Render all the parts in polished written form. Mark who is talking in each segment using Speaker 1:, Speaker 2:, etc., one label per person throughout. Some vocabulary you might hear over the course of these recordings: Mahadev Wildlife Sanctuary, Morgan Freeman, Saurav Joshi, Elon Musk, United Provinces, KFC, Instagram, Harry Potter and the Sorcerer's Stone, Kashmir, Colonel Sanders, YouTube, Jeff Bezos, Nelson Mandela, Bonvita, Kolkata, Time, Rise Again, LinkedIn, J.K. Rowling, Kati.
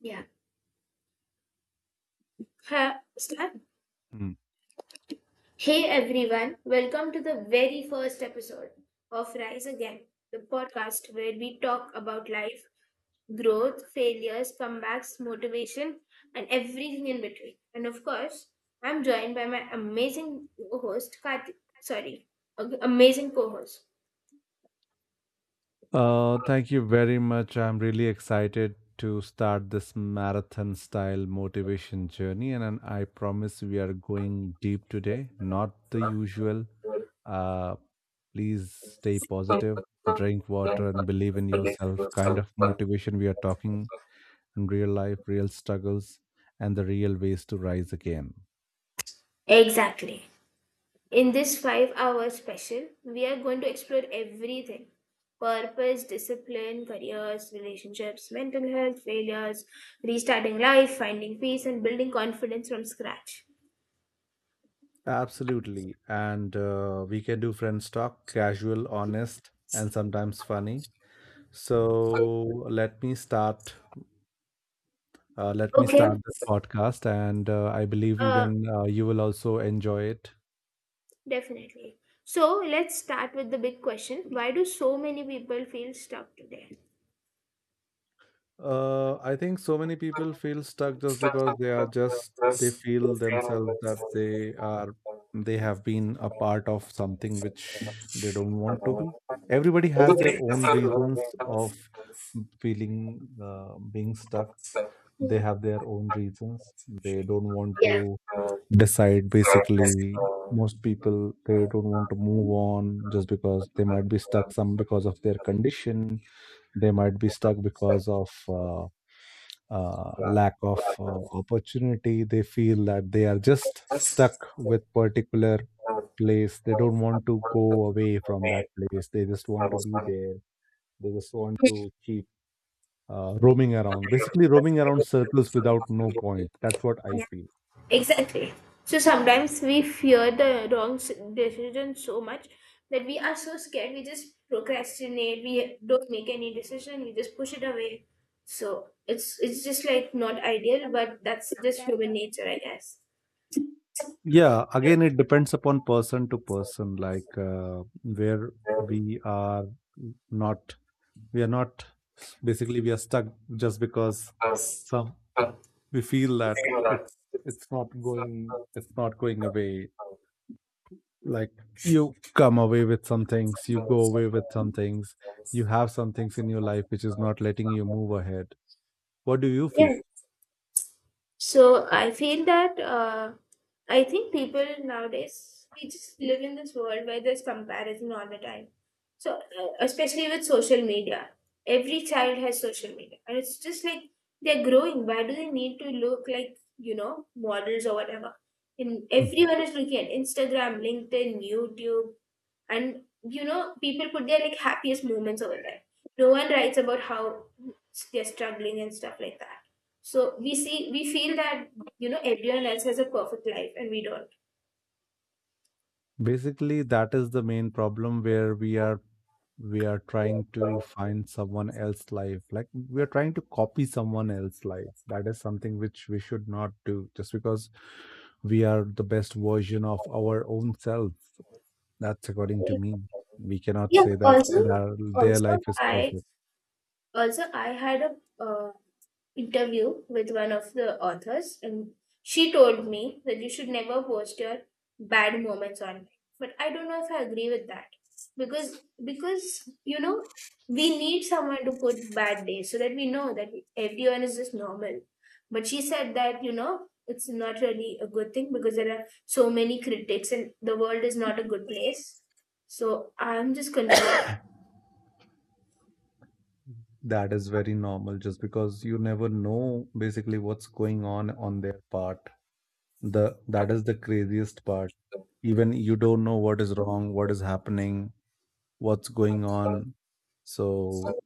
Speaker 1: Yeah. Ha, start.
Speaker 2: Mm.
Speaker 1: Hey everyone, welcome to the very first episode of Rise Again, the podcast where we talk about life, growth, failures, comebacks, motivation, and everything in between. And of course, I'm joined by my amazing co-host, Kati. Sorry, amazing co-host.
Speaker 2: Thank you very much. I'm really excited to start this marathon style motivation journey. And I promise we are going deep today, not the usual. Uh, Please stay positive, drink water, and believe in yourself. Kind of motivation we are talking in real life, real struggles, and the real ways to rise again.
Speaker 1: Exactly. In this 5-hour special, we are going to explore everything: purpose, discipline, careers, relationships, mental health, failures, restarting life, finding peace, and building confidence from scratch.
Speaker 2: Absolutely. And we can do friends talk, casual, honest, and sometimes funny. So let me start. Let me
Speaker 1: Okay,
Speaker 2: start this podcast, and I believe
Speaker 1: uh,
Speaker 2: even you will also enjoy it.
Speaker 1: definitely. So, let's start with the big question: Why do so many people feel stuck today?
Speaker 2: I think so many people feel stuck just because they are just they feel themselves that they have been a part of something which they don't want to be. Everybody has their own reasons of feeling being stuck. They
Speaker 1: Hmm.
Speaker 2: have their own reasons. They don't want
Speaker 1: Yeah.
Speaker 2: to decide. Basically most people they don't want to move on just because they might be stuck, some because of their condition. They might be stuck because of lack of opportunity. They feel that they are just stuck with particular place. They don't want to go away from that place. They just want to be there. They just want to keep roaming around, basically roaming around circles without no point. That's what I feel.
Speaker 1: Exactly. So sometimes we fear the wrong decision so much that we are so scared we just procrastinate. We don't make any decision. We just push it away. So it's just like not ideal, but that's just human nature, I guess.
Speaker 2: Yeah, again, it depends upon person to person, like where we are not, we are not, basically, we are stuck just because some, we feel that it's not going, it's not going away. Like you come away with some things, you go away with some things, you have some things in your life which is not letting you move ahead. What do you feel?
Speaker 1: Yeah, so I feel that I think people nowadays we just live in this world where there's comparison all the time. So especially with social media, every child has social media, and it's just like they're growing. Why do they need to look like models or whatever? And
Speaker 2: Hmm.
Speaker 1: everyone is looking at Instagram, LinkedIn, YouTube, and people put their like happiest moments over there. No one writes about how they're struggling and stuff like that. So we see, we feel that, everyone else has a perfect life and we don't.
Speaker 2: Basically, that is the main problem where we are trying to find someone else's life. Like we are trying to copy someone else's life. That is something which we should not do just because we are the best version of our own self. That's according to me. We cannot
Speaker 1: Yeah,
Speaker 2: say that
Speaker 1: also,
Speaker 2: their
Speaker 1: also,
Speaker 2: life is
Speaker 1: I
Speaker 2: perfect.
Speaker 1: I had a interview with one of the authors, and she told me that you should never post your bad moments online. But I don't know if I agree with that, because because you know we need someone to put bad days so that we know that everyone is just normal. But she said that it's not really a good thing, because there are so many critics and the world is not a good place. So I'm just confused.
Speaker 2: That is very normal just because you never know basically what's going on their part. The That is the craziest part. Even you don't know what is wrong, what is happening, what's going on. So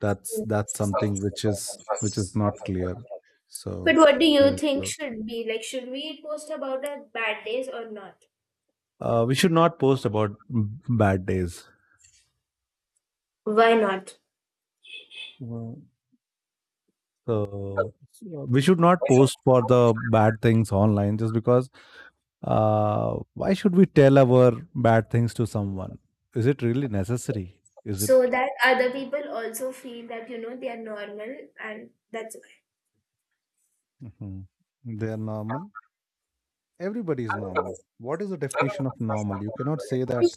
Speaker 2: that's something which is not clear. So
Speaker 1: But what do you
Speaker 2: very
Speaker 1: think,
Speaker 2: true.
Speaker 1: should be like should we post about our bad days or not?
Speaker 2: We should not post about bad days.
Speaker 1: Why not?
Speaker 2: Mm. So we should not post for the bad things online just because why should we tell our bad things to someone? Is it really necessary? Is it?
Speaker 1: So that other people also feel that they are normal. And that's
Speaker 2: Mhm. They are normal. Everybody is normal. What is the definition of
Speaker 1: why.
Speaker 2: normal? You cannot say that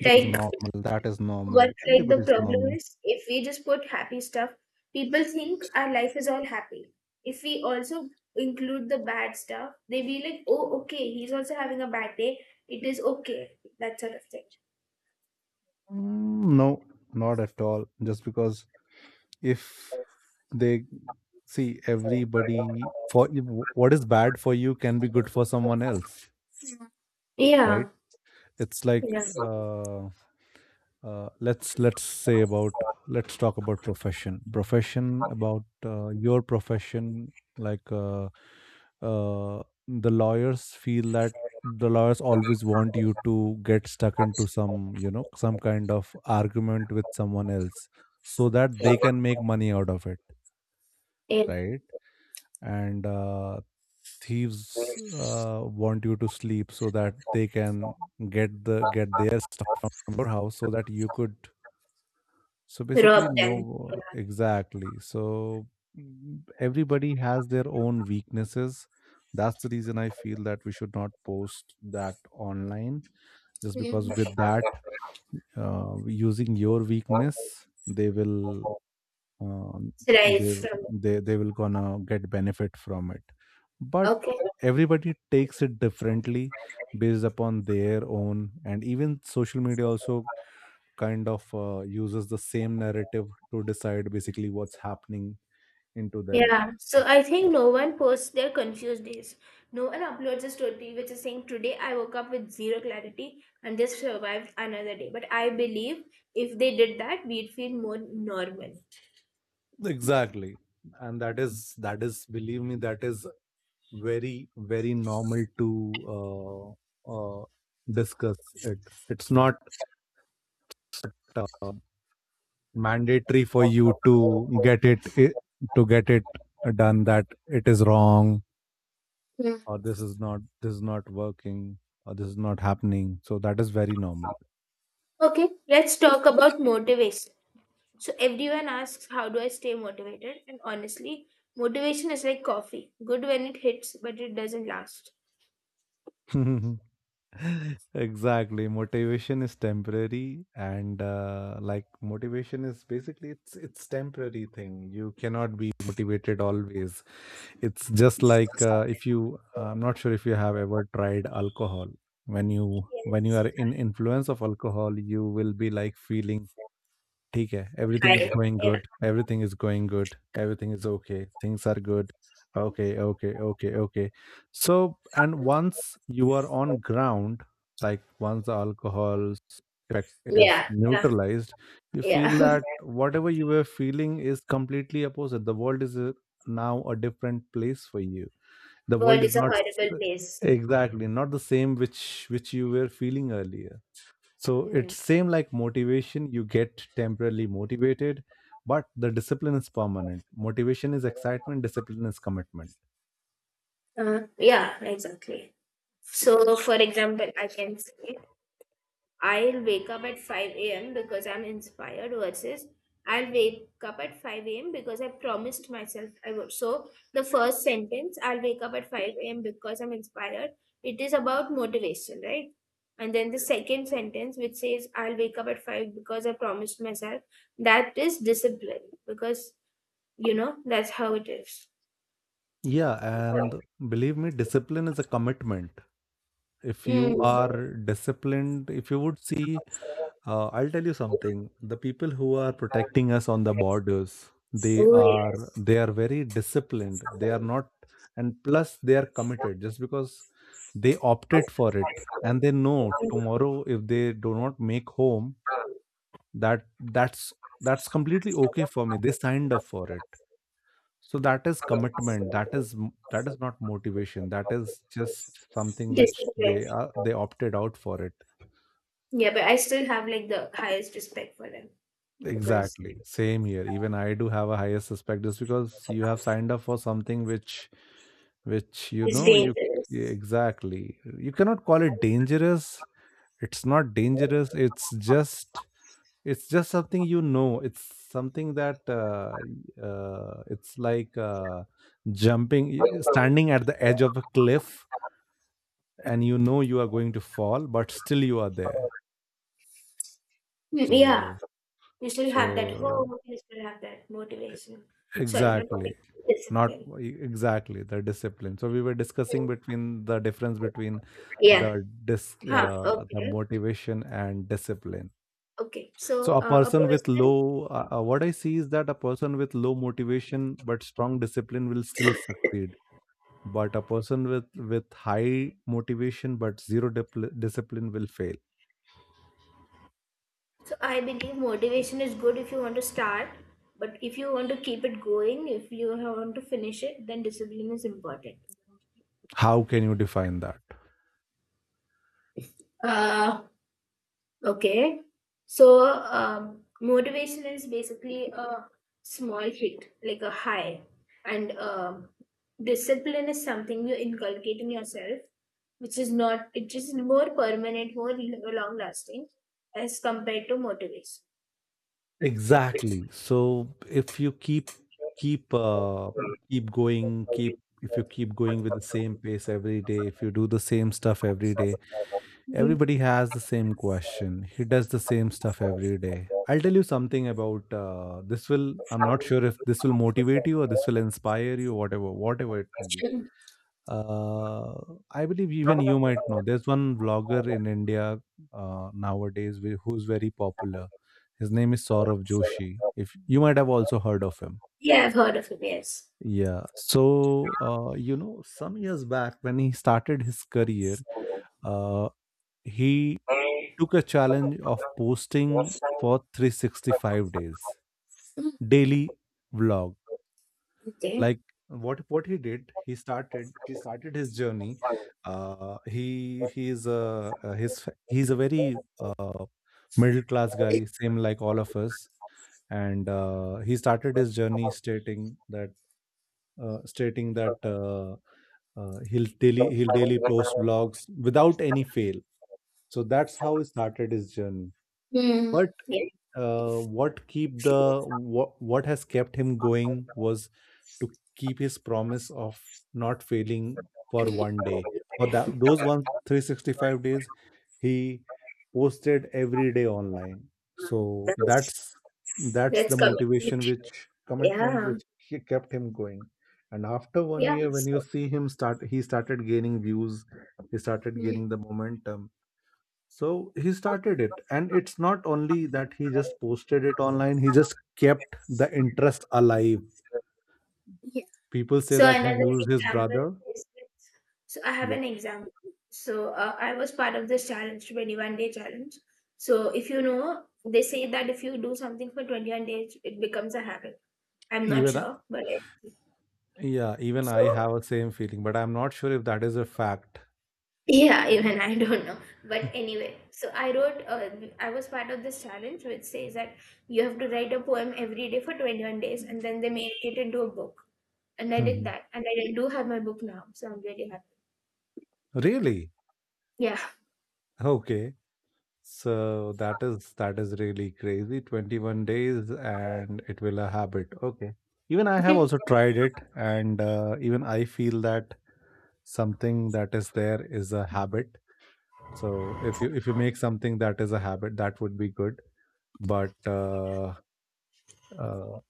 Speaker 2: this is normal, that is normal.
Speaker 1: what like the
Speaker 2: Everybody is
Speaker 1: problem
Speaker 2: normal.
Speaker 1: is if we just put happy stuff, people think our life is all happy. If we also include the bad stuff, they be like, oh, okay, he's also having a bad day. It is okay, that sort of thing.
Speaker 2: Mm, no, not at all, just because if they see everybody for what is bad for you can be good for someone else. Right.
Speaker 1: Yeah.
Speaker 2: It's like
Speaker 1: Yeah.
Speaker 2: let's say about, let's talk about profession, profession about your profession. Like uh, the lawyers feel that the lawyers always want you to get stuck into some, you know, some kind of argument with someone else so that they can make money out of it.
Speaker 1: Yeah.
Speaker 2: Right. And thieves want you to sleep so that they can get their stuff from your house so that you could, so
Speaker 1: Rob
Speaker 2: basically,
Speaker 1: them.
Speaker 2: no, exactly. So mm, everybody has their own weaknesses. That's the reason I feel that we should not post that online, just
Speaker 1: Yeah.
Speaker 2: because
Speaker 1: Right.
Speaker 2: with that, using your weakness, they will um, they
Speaker 1: From.
Speaker 2: they will gonna get benefit from it. But
Speaker 1: Okay.
Speaker 2: everybody takes it differently based upon their own, and even social media also kind of uses the same narrative to decide basically what's happening into them.
Speaker 1: Yeah, so I think no one posts their confused days. No one uploads a story which is saying, "Today I woke up with zero clarity and just survived another day." But I believe if they did that, we'd feel more normal.
Speaker 2: Exactly. And that is, believe me, that is very very normal to uh, uh, discuss it. It's not uh, mandatory for you to get it i- to get it done, that it is wrong
Speaker 1: Hmm.
Speaker 2: or this is not working or this is not happening. So that is very
Speaker 1: Okay, let's talk about motivation. So everyone asks, "How do I stay motivated?" And honestly, motivation is like coffee: good when it hits, but it doesn't last.
Speaker 2: normal. Exactly, motivation is temporary. And like motivation is basically it's temporary thing. You cannot be motivated always. It's just like if you, I'm not sure if you have ever tried alcohol, when you
Speaker 1: Yes.
Speaker 2: are in influence of alcohol you will be like feeling ठीक है, everything is
Speaker 1: I,
Speaker 2: going
Speaker 1: yeah,
Speaker 2: good, everything is okay, things are good, okay, okay, okay, okay. So, and once you are on ground, like once the alcohol's effect is
Speaker 1: yeah, yeah.
Speaker 2: neutralized, you
Speaker 1: Yeah.
Speaker 2: feel that whatever you were feeling is completely opposite. The world is now a different place for you. The
Speaker 1: World
Speaker 2: world is
Speaker 1: is a
Speaker 2: not
Speaker 1: horrible
Speaker 2: s-
Speaker 1: place.
Speaker 2: exactly not the same which you were feeling earlier. So
Speaker 1: Mm.
Speaker 2: it's same like motivation, you get temporarily motivated, but the discipline is permanent. Motivation is excitement, discipline is commitment.
Speaker 1: Yeah, exactly. So, for example, I can say, "I'll wake up at 5 a.m. because I'm inspired," versus, "I'll wake up at 5 a.m. because I promised myself I would." So, the first sentence, "I'll wake up at 5 a.m. because I'm inspired," it is about motivation, right? And then the second sentence, which says, "I'll wake up at 5 because I promised myself," that is discipline, because that's how it is.
Speaker 2: Yeah, and believe me, discipline is a commitment. If you
Speaker 1: Mm.
Speaker 2: are disciplined, if you would see, I'll tell you something. The people who are protecting us on the borders, they
Speaker 1: Oh,
Speaker 2: are
Speaker 1: yes.
Speaker 2: they are very disciplined. They are not, and plus they are committed. Just because they opted for it, and they know tomorrow if they do not make home, that that's that's completely okay for me. They signed up for it. So that is commitment. That is that is not motivation. That is just something which
Speaker 1: Discipline.
Speaker 2: they opted out for it.
Speaker 1: Yeah, but I still have like the highest respect for them, because
Speaker 2: Exactly. Same here. Even I do have a higher suspect just because you have signed up for something which you
Speaker 1: it's
Speaker 2: know you, yeah,
Speaker 1: dangerous.
Speaker 2: exactly. You cannot call it dangerous. It's not dangerous. It's just something, you know. It's something that it's like jumping, standing at the edge of a cliff and you know you are going to fall, but still you are there.
Speaker 1: Mm. Yeah,
Speaker 2: So
Speaker 1: you still have that
Speaker 2: so
Speaker 1: hope, you still have that
Speaker 2: e-
Speaker 1: motivation. Sorry, not motivation,
Speaker 2: exactly. not
Speaker 1: discipline.
Speaker 2: e- Exactly, the discipline. So we were discussing between the difference between
Speaker 1: Yeah. Huh.
Speaker 2: the
Speaker 1: Okay.
Speaker 2: motivation and discipline.
Speaker 1: Okay.
Speaker 2: So
Speaker 1: So
Speaker 2: a
Speaker 1: a
Speaker 2: person with
Speaker 1: person.
Speaker 2: low what I see is that a person with low motivation but strong discipline will still succeed, but a person with high motivation but zero discipline will fail.
Speaker 1: So I believe motivation is good if you want to start, but if you want to keep it going, if you want to finish it, then discipline is important.
Speaker 2: How can you define that?
Speaker 1: Uh, Okay. So, motivation is basically a small hit, like a high. And discipline is something you inculcate in yourself, which is not, it is more permanent, more long lasting as compared to motivation.
Speaker 2: Exactly. So if you keep keep uh, if you keep going with the same pace every day, if you do the same stuff every day,
Speaker 1: Mhm.
Speaker 2: everybody has the same question. He does the same stuff every day. I'll tell you something about this. Will, I'm not sure if this will motivate you or this will inspire you, whatever, whatever it may be. Uh, I believe even you might know. There's one vlogger in India nowadays who's very popular. His name is Saurav Joshi. If you might have also heard of him.
Speaker 1: Yeah, I've heard of it, yes.
Speaker 2: Yeah. So, you know, some years back when he started his career, uh, he took a challenge of posting for 365 days daily vlog.
Speaker 1: Okay.
Speaker 2: Like what he did, he started his journey. He is a his he's a very middle class guy, same like all of us. And he started his journey stating that uh, stating that uh, he'll daily post vlogs without any fail. So that's how he started his journey.
Speaker 1: Hmm.
Speaker 2: But
Speaker 1: Yeah.
Speaker 2: what what has kept him going was to keep his promise of not failing for
Speaker 1: Hmm.
Speaker 2: 1 day. For that those one 365 days, he posted every day online. So that's
Speaker 1: That's
Speaker 2: the
Speaker 1: coming.
Speaker 2: motivation which commitment
Speaker 1: Yeah,
Speaker 2: which he kept him going. And after one
Speaker 1: yeah.
Speaker 2: year, when you see him start, he started gaining views. He started
Speaker 1: Hmm.
Speaker 2: gaining the momentum. So he started it. And it's not only that he just posted it online, he just kept the interest alive. People say
Speaker 1: So
Speaker 2: that he
Speaker 1: another
Speaker 2: used his
Speaker 1: example
Speaker 2: brother.
Speaker 1: is that, so I have
Speaker 2: Yeah.
Speaker 1: an example. So I was part of this challenge, 21-day challenge. So if you know, they say that if you do something for 21 days, it becomes a habit. I'm not
Speaker 2: Even, I-
Speaker 1: sure, but
Speaker 2: yeah, even
Speaker 1: so
Speaker 2: I have a same feeling, but I'm not sure if that is a fact.
Speaker 1: yeah, even I don't know. But anyway, so I wrote. I was part of this challenge, which says that you have to write a poem every day for 21 days, and then they make it into a book. And I did
Speaker 2: Mhm.
Speaker 1: that, and I do have my book now, so I'm really happy.
Speaker 2: Really?
Speaker 1: Yeah.
Speaker 2: Okay. So that is really crazy. 21 days and it will a habit. Okay. Even I have also tried it and even I feel that something that is there is a habit. So if you make something that is a habit, that would be good, but uh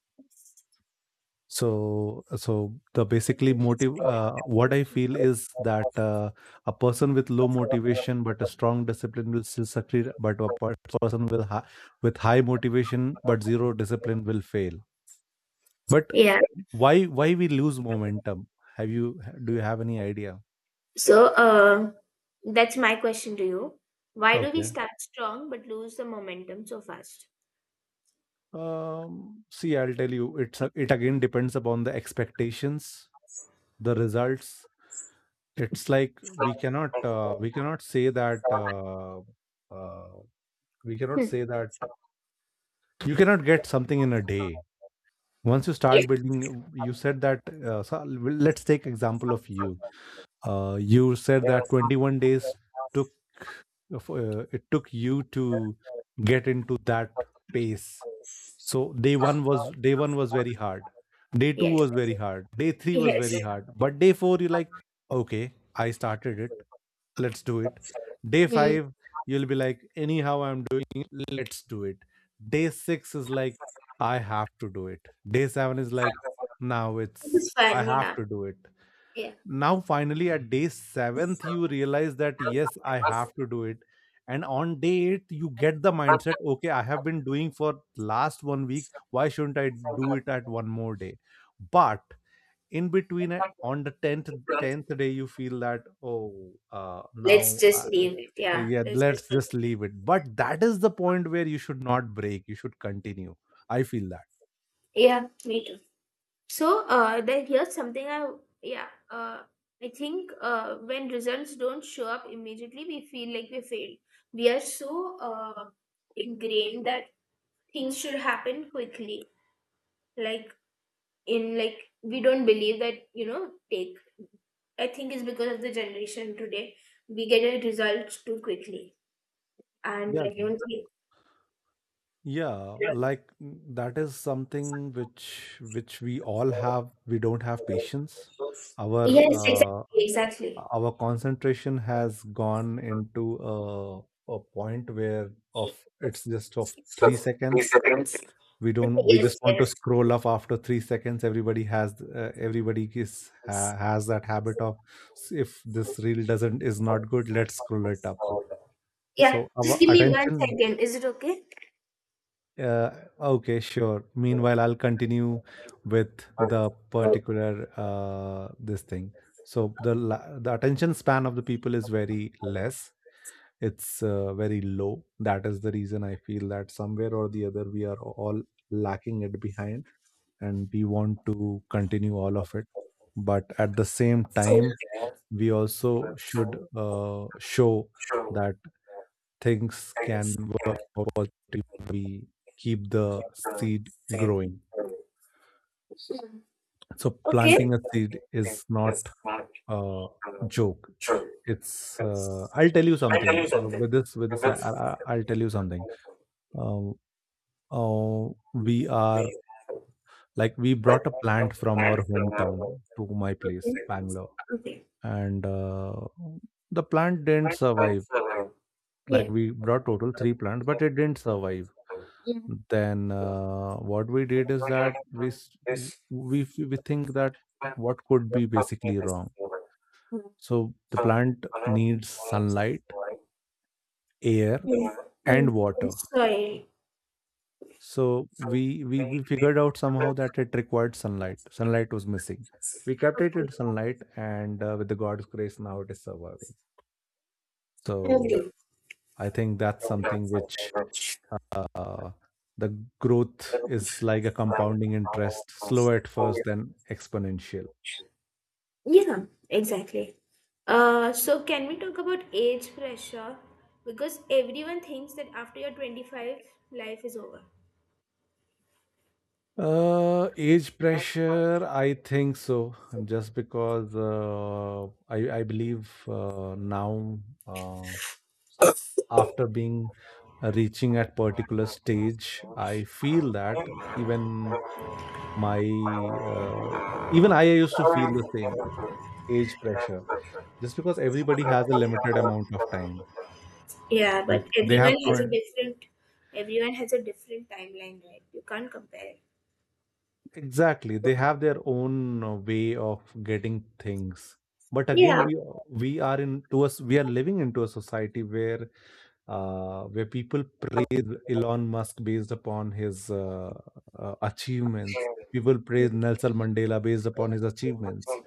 Speaker 2: so the basically motive, what I feel is that, a person with low motivation but a strong discipline will still succeed, but a person with high motivation but zero discipline will fail. But
Speaker 1: Yeah.
Speaker 2: why why we lose momentum. Have you Do you have any idea?
Speaker 1: So, that's my question to you. Why do we
Speaker 2: Okay.
Speaker 1: start strong but lose the momentum so fast?
Speaker 2: um See, I'll tell you, it again depends upon the expectations, the results. It's like we cannot say that uh, we cannot
Speaker 1: Hmm.
Speaker 2: say that you cannot get something in a day. Once you
Speaker 1: Yeah.
Speaker 2: start building, you said that, so let's take example of you. You said that 21 days took, it took you to get into that pace. So day 1 was very hard, day 2
Speaker 1: Yes.
Speaker 2: was very hard, day 3 was
Speaker 1: Yes.
Speaker 2: very hard, but day 4 you like, okay, I started it, let's do it. Day
Speaker 1: Hmm.
Speaker 2: 5 you'll be like, anyhow I'm doing it, let's do it. Day 6 is like, I have to do it. Day 7 is like, now
Speaker 1: This
Speaker 2: it's
Speaker 1: is
Speaker 2: I
Speaker 1: fun.
Speaker 2: have
Speaker 1: Yeah.
Speaker 2: to do it.
Speaker 1: Yeah.
Speaker 2: Now finally at day 7th you realize that yes, I have to do it. And on day 8 you get the mindset, okay, I have been doing for last 1 week, why shouldn't I do it at one more day? But in between, on the 10th day you feel that, oh,
Speaker 1: Let's
Speaker 2: now,
Speaker 1: just leave it. Yeah.
Speaker 2: yeah,
Speaker 1: Let's just,
Speaker 2: let's just leave it. But that is the point where you should not break, you should continue, I feel that.
Speaker 1: yeah. Me too. So, then here's something yeah. I think when results don't show up immediately, we feel like we failed. We are so ingrained that things should happen quickly. Like, in like we don't believe that you know take I think it's because of the generation today, we get a result too quickly. And
Speaker 2: Yeah,
Speaker 1: I,
Speaker 2: yeah, like, that is something which we all have, we don't have patience. Our,
Speaker 1: yes,
Speaker 2: uh,
Speaker 1: exactly, exactly,
Speaker 2: our concentration has gone into a, a point where, of it's just of 3 seconds. We don't, we just
Speaker 1: yes,
Speaker 2: want to
Speaker 1: yes.
Speaker 2: scroll up after 3 seconds, everybody has, everybody has that habit of, If this reel doesn't, is not good, let's scroll it up."
Speaker 1: Yeah,
Speaker 2: So
Speaker 1: just
Speaker 2: our
Speaker 1: give me one
Speaker 2: attention,
Speaker 1: second, is it okay?
Speaker 2: uh, okay, sure, meanwhile I'll continue with the particular, this thing. So the attention span of the people is very less, it's, very low. That is the reason I feel that somewhere or the other we are all lacking it behind, and we want to continue all of it. But at the same time, we also should, show that things can work positively if we keep the seed growing.
Speaker 1: Mm.
Speaker 2: So
Speaker 1: Okay,
Speaker 2: planting a seed
Speaker 1: okay,
Speaker 2: is not a joke. It's, I'll tell you something. With this, I'll tell you something. uh, we are, like, we brought a plant from our hometown to my place Bangalore.
Speaker 1: okay,
Speaker 2: And, the plant didn't survive. Like,
Speaker 1: yeah.
Speaker 2: we brought total three plants but it didn't survive.
Speaker 1: Yeah. Yeah.
Speaker 2: Then, what we did is that we s- w- we think that what could be basically wrong. So the plant needs sunlight, air,
Speaker 1: Mm. Mm.
Speaker 2: and water.
Speaker 1: Sorry.
Speaker 2: So we figured out somehow that it required sunlight. Sunlight was missing. We kept it
Speaker 1: Okay,
Speaker 2: in sunlight and, with the god's grace, now it is surviving.
Speaker 1: okay,
Speaker 2: So
Speaker 1: you.
Speaker 2: I think that's something which, uh, the growth is like a compounding interest, slow at first, then exponential.
Speaker 1: Yeah, exactly. So can we talk about age pressure? Because everyone thinks that after you're 25, life is over.
Speaker 2: Age pressure, I think so. And just because, I believe, now, uh, after being, reaching at particular stage, I feel that even my uh, even I used to feel the same age pressure. Just because everybody has a limited amount of time,
Speaker 1: Yeah,
Speaker 2: like
Speaker 1: but
Speaker 2: they
Speaker 1: everyone
Speaker 2: have
Speaker 1: has a
Speaker 2: to.
Speaker 1: different, everyone has a different timeline, right? You can't compare it.
Speaker 2: Exactly, they have their own, way of getting things. But again,
Speaker 1: Yeah.
Speaker 2: we are into us we are living into a society where, where people praise Elon Musk based upon his, achievements. People praise
Speaker 1: Mhm.
Speaker 2: Nelson Mandela based upon his achievements.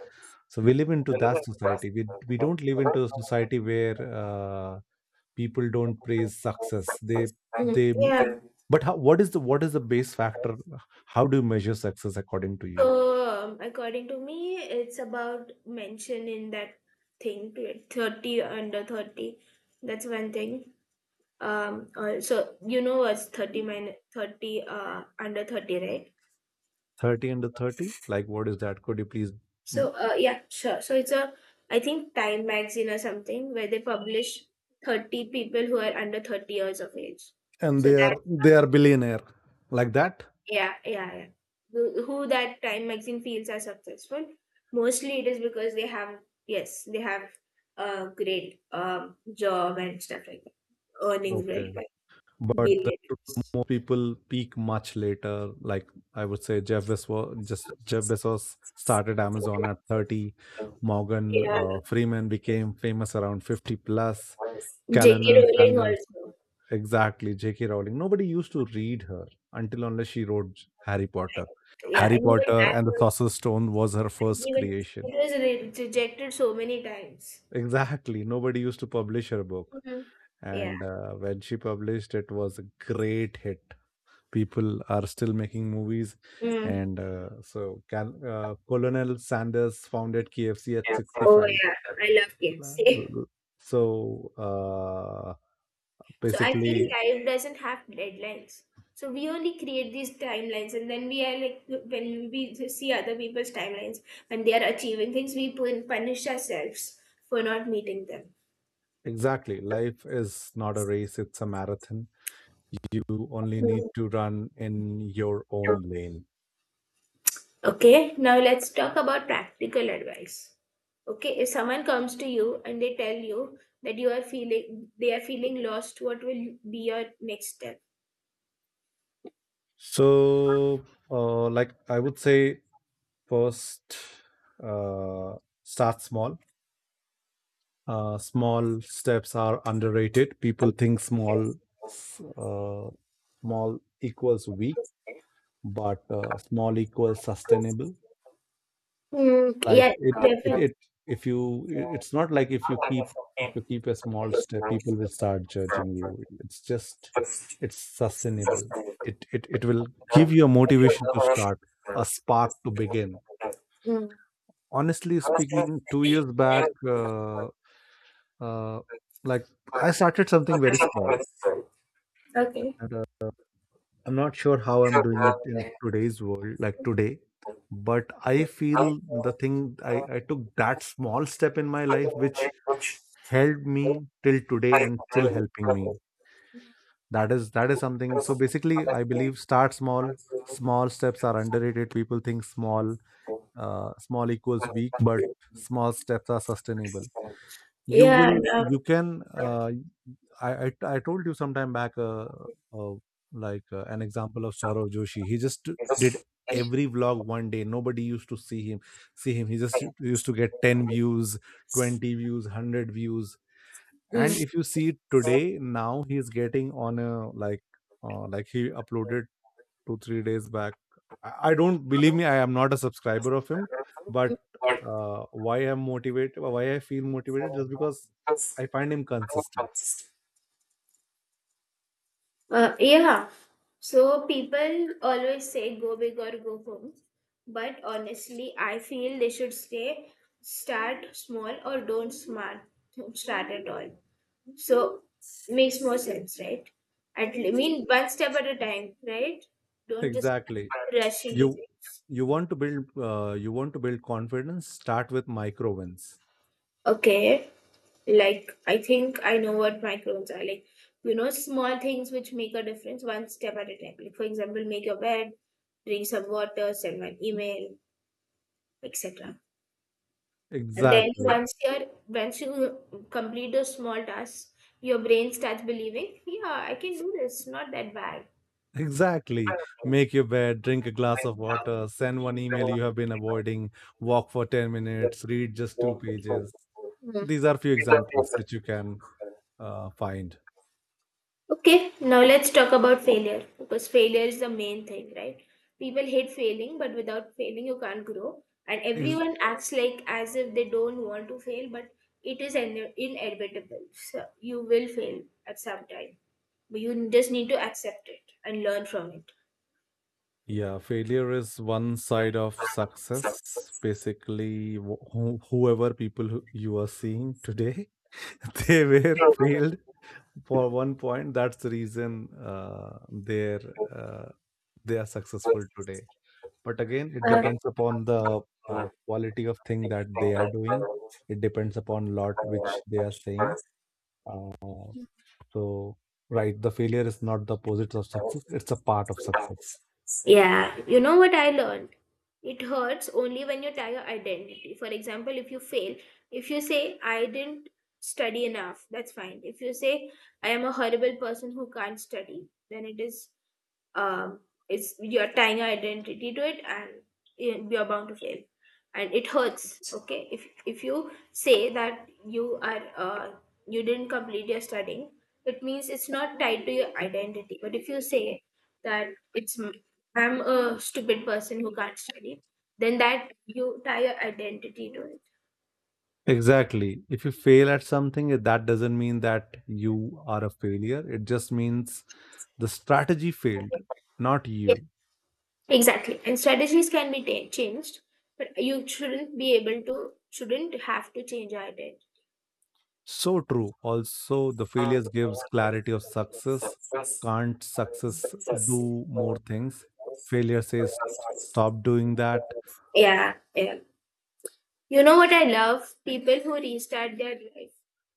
Speaker 2: So we live into that society. We don't live into a society where, people don't praise success. They
Speaker 1: Yeah.
Speaker 2: But how, what is the base factor? How do you measure success according to you?
Speaker 1: So according to me, it's about mention in that thing to it, 30 under 30. That's one thing. So you know what's 30 minus 30 under 30, right?
Speaker 2: 30 under 30, like what is that? Could you please... mm,
Speaker 1: So, yeah, sure. So it's I think Time magazine or something where they publish 30 people who are under 30 years of age.
Speaker 2: and
Speaker 1: So
Speaker 2: they
Speaker 1: that,
Speaker 2: are they are billionaire, like that.
Speaker 1: yeah, yeah, yeah. Who that Time magazine feels are successful. Mostly it is because they have, yes, they have a great job and stuff like that. Earnings
Speaker 2: Okay.
Speaker 1: really well.
Speaker 2: But the
Speaker 1: Billion.
Speaker 2: truth, more people peak much later. Like, I would say, Jeff Bezos started Amazon at 30. Morgan,
Speaker 1: Yeah.
Speaker 2: Freeman became famous around 50 plus.
Speaker 1: J.K.
Speaker 2: Callanan
Speaker 1: Rowling
Speaker 2: Sanders...
Speaker 1: also.
Speaker 2: Exactly, J.K. Rowling. Nobody used to read her until unless she wrote Harry Potter.
Speaker 1: Yeah,
Speaker 2: Harry
Speaker 1: and even
Speaker 2: Potter and the Sorcerer's Stone was her
Speaker 1: and
Speaker 2: first
Speaker 1: even it
Speaker 2: creation.
Speaker 1: was rejected so many times.
Speaker 2: Exactly, nobody used to publish her book,
Speaker 1: Mhm. Yeah.
Speaker 2: and, when she published, it was a great hit. People are still making movies,
Speaker 1: Mm.
Speaker 2: and, Colonel Sanders founded KFC at
Speaker 1: Yeah. Oh
Speaker 2: 65.
Speaker 1: yeah, I love KFC.
Speaker 2: So,
Speaker 1: So I feel
Speaker 2: basically,
Speaker 1: life doesn't have deadlines. So we only create these timelines, and then we are like when we see other people's timelines when they are achieving things, we punish ourselves for not meeting them.
Speaker 2: exactly, life is not a race; it's a marathon. You only need
Speaker 1: Mm.
Speaker 2: to run in your own lane.
Speaker 1: Okay, now let's talk about practical advice. Okay, if someone comes to you and they tell you that you are feeling they are feeling lost, what will be your next step?
Speaker 2: So, like, I would say, first, uh, start small. Small steps are underrated, people think small, uh, small equals weak, but, small equals sustainable.
Speaker 1: Mm,
Speaker 2: Like,
Speaker 1: yeah,
Speaker 2: it it
Speaker 1: definitely.
Speaker 2: it if you I it's not like if you keep a small step, people will start judging you. It's just it's sustainable. It will give you a motivation to start, a spark to begin.
Speaker 1: Mm.
Speaker 2: Honestly speaking, 2 years back, uh, like, I started something very small.
Speaker 1: Okay.
Speaker 2: And, I'm not sure how I'm doing it in today's world, like today, but I feel the thing, I took that small step in my life, which helped me till today and still helping me. That is something. So basically I believe, start small. Small steps are underrated, people think small, small equals weak, but small steps are sustainable. You
Speaker 1: Yeah,
Speaker 2: will,
Speaker 1: yeah.
Speaker 2: you can, I told you sometime back, uh, like, an example of Saurav Joshi, he just did every vlog. One day nobody used to see him, he just used to get 10 views, 20 views, 100 views.
Speaker 1: Mm.
Speaker 2: And if you see today, now he's getting on a, like, like he uploaded 2-3 days back. I don't, believe me, I am not a subscriber of him, but, why I feel motivated, just because I find him consistent.
Speaker 1: Yeah. So people always say go big or go home, but honestly, I feel they should start small or don't smart start at all. So makes more sense, right? I mean, one step at a time, right? Don't just
Speaker 2: Exactly.
Speaker 1: rush
Speaker 2: you
Speaker 1: into things.
Speaker 2: you want to build confidence, start with micro wins.
Speaker 1: Okay. Like, I think I know what microns are. Like, small things which make a difference one step at a time. Like, for example, make your bed, drink some water, send an email, etc. And then
Speaker 2: Exactly.
Speaker 1: once you complete those small tasks, your brain starts believing, yeah, I can do this. Not that bad.
Speaker 2: Exactly, make your bed, drink a glass of water, send one email you have been avoiding, walk for 10 minutes, read just two pages. These are few examples which you can, find.
Speaker 1: Okay, now let's talk about failure, because failure is the main thing, right? People hate failing, but without failing, you can't grow. And
Speaker 2: Ex-
Speaker 1: everyone acts like as if they don't want to fail, but it is inevitable. So you will fail at some time, but you just need to accept it and learn from it.
Speaker 2: yeah, failure is one side of success. Basically, whoever people who you are seeing today, they were failed for one point. That's the reason, their, uh, they are successful today. But again, it
Speaker 1: Uh,
Speaker 2: depends upon the, quality of thing that they are doing. It depends upon lot which they are saying. Uh, so, right, the failure is not the opposite of success; it's a part of success.
Speaker 1: yeah, you know what I learned? It hurts only when you tie your identity. For example, if you fail, if you say, "I didn't study enough," that's fine. If you say, "I am a horrible person who can't study," then um, it's you're tying your identity to it, and you're bound to fail and it hurts. Okay, if you say that you didn't complete your studying, it means it's not tied to your identity. But if you say that it's m- I'm a stupid person who can't study, then that you tie your identity to it.
Speaker 2: Exactly. If you fail at something, that doesn't mean that you are a failure. It just means the strategy failed, not
Speaker 1: Yeah,
Speaker 2: you.
Speaker 1: exactly. And strategies can be ta changed, but you shouldn't be able to shouldn't have to change your identity.
Speaker 2: So true. Also, the failures gives clarity of success. Can't success do more things? Failure says stop doing that.
Speaker 1: Yeah. Yeah. You know what I love? People who restart their life.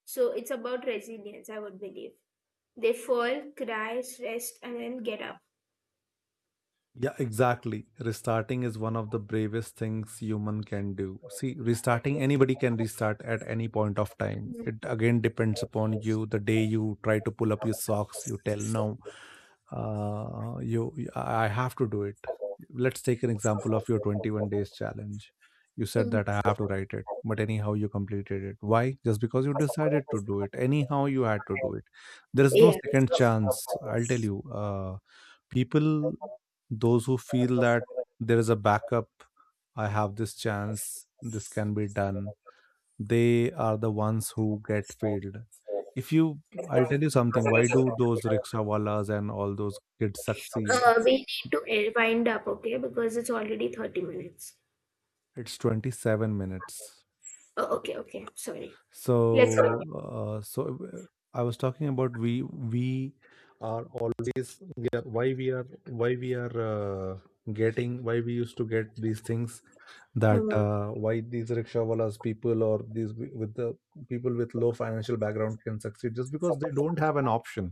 Speaker 1: So it's about resilience, I would believe. They fall, cry, rest, and then get up.
Speaker 2: Yeah, exactly. Restarting is one of the bravest things human can do. See, restarting, anybody can restart at any point of time. It again depends upon you. The day you try to pull up your socks, you tell no, I have to do it. Let's take an example of your 21 days challenge. You said
Speaker 1: Mhm.
Speaker 2: that I have to write it, but anyhow you completed it. Why? Just because you decided to do it. Anyhow you had to do it. There is no
Speaker 1: Yeah.
Speaker 2: second chance. I'll tell you. People, those who feel that there is a backup, I have this chance, this can be done, they are the ones who get failed. If you I'll tell you something. Why do those rickshawalas and all those kids succeed?
Speaker 1: We need to wind up, okay? Because it's already 30 minutes.
Speaker 2: It's 27 minutes.
Speaker 1: Oh, okay, okay. Sorry.
Speaker 2: So,
Speaker 1: Let's go.
Speaker 2: uh, so uh, I was talking about, we are always, we are, why we are, getting, why we used to get these things that,
Speaker 1: Mhm.
Speaker 2: why these rickshawalas people or with the people with low financial background can succeed, just because they don't have an option.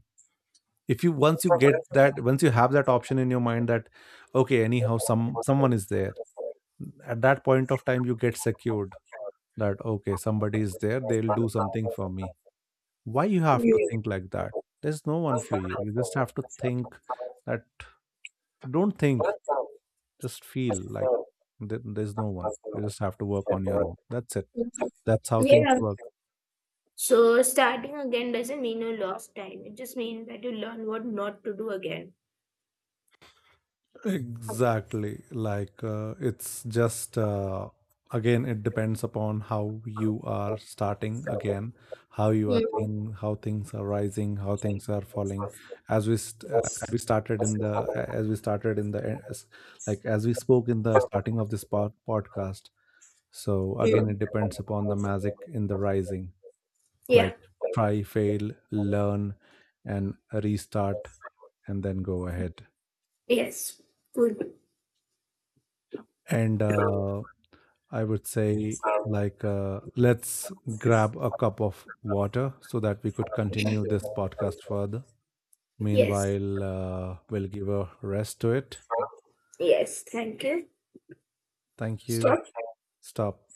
Speaker 2: If you Once you get that, once you have that option in your mind that, okay, anyhow someone is there, at that point of time you get secured, that okay, somebody is there, they'll do something for me. Why you have to think like that? There's no one for you, you just have to think that. Don't think, just feel like, there's no one, you just have to work on your own, that's it. That's how things
Speaker 1: Yeah.
Speaker 2: work.
Speaker 1: So starting again doesn't mean you lost time. It just means that you learn what not to do again.
Speaker 2: Exactly. Like, it's just, again, it depends upon how you are starting again, how you are
Speaker 1: Mhm.
Speaker 2: thing, how things are rising, how things are falling. As we st- as we started in the as we started in the s- like, as we spoke in the starting of podcast. So again,
Speaker 1: Mm.
Speaker 2: it depends upon the magic in the rising. Like,
Speaker 1: Yeah.
Speaker 2: try, fail, learn, and restart, and then go ahead.
Speaker 1: Yes. Good.
Speaker 2: And, I would say, like, let's grab a cup of water so that we could continue this podcast further.
Speaker 1: Yes.
Speaker 2: Meanwhile, we'll give a rest to it.
Speaker 1: Yes. Thank you.
Speaker 2: Thank you.
Speaker 1: Stop.
Speaker 2: Stop.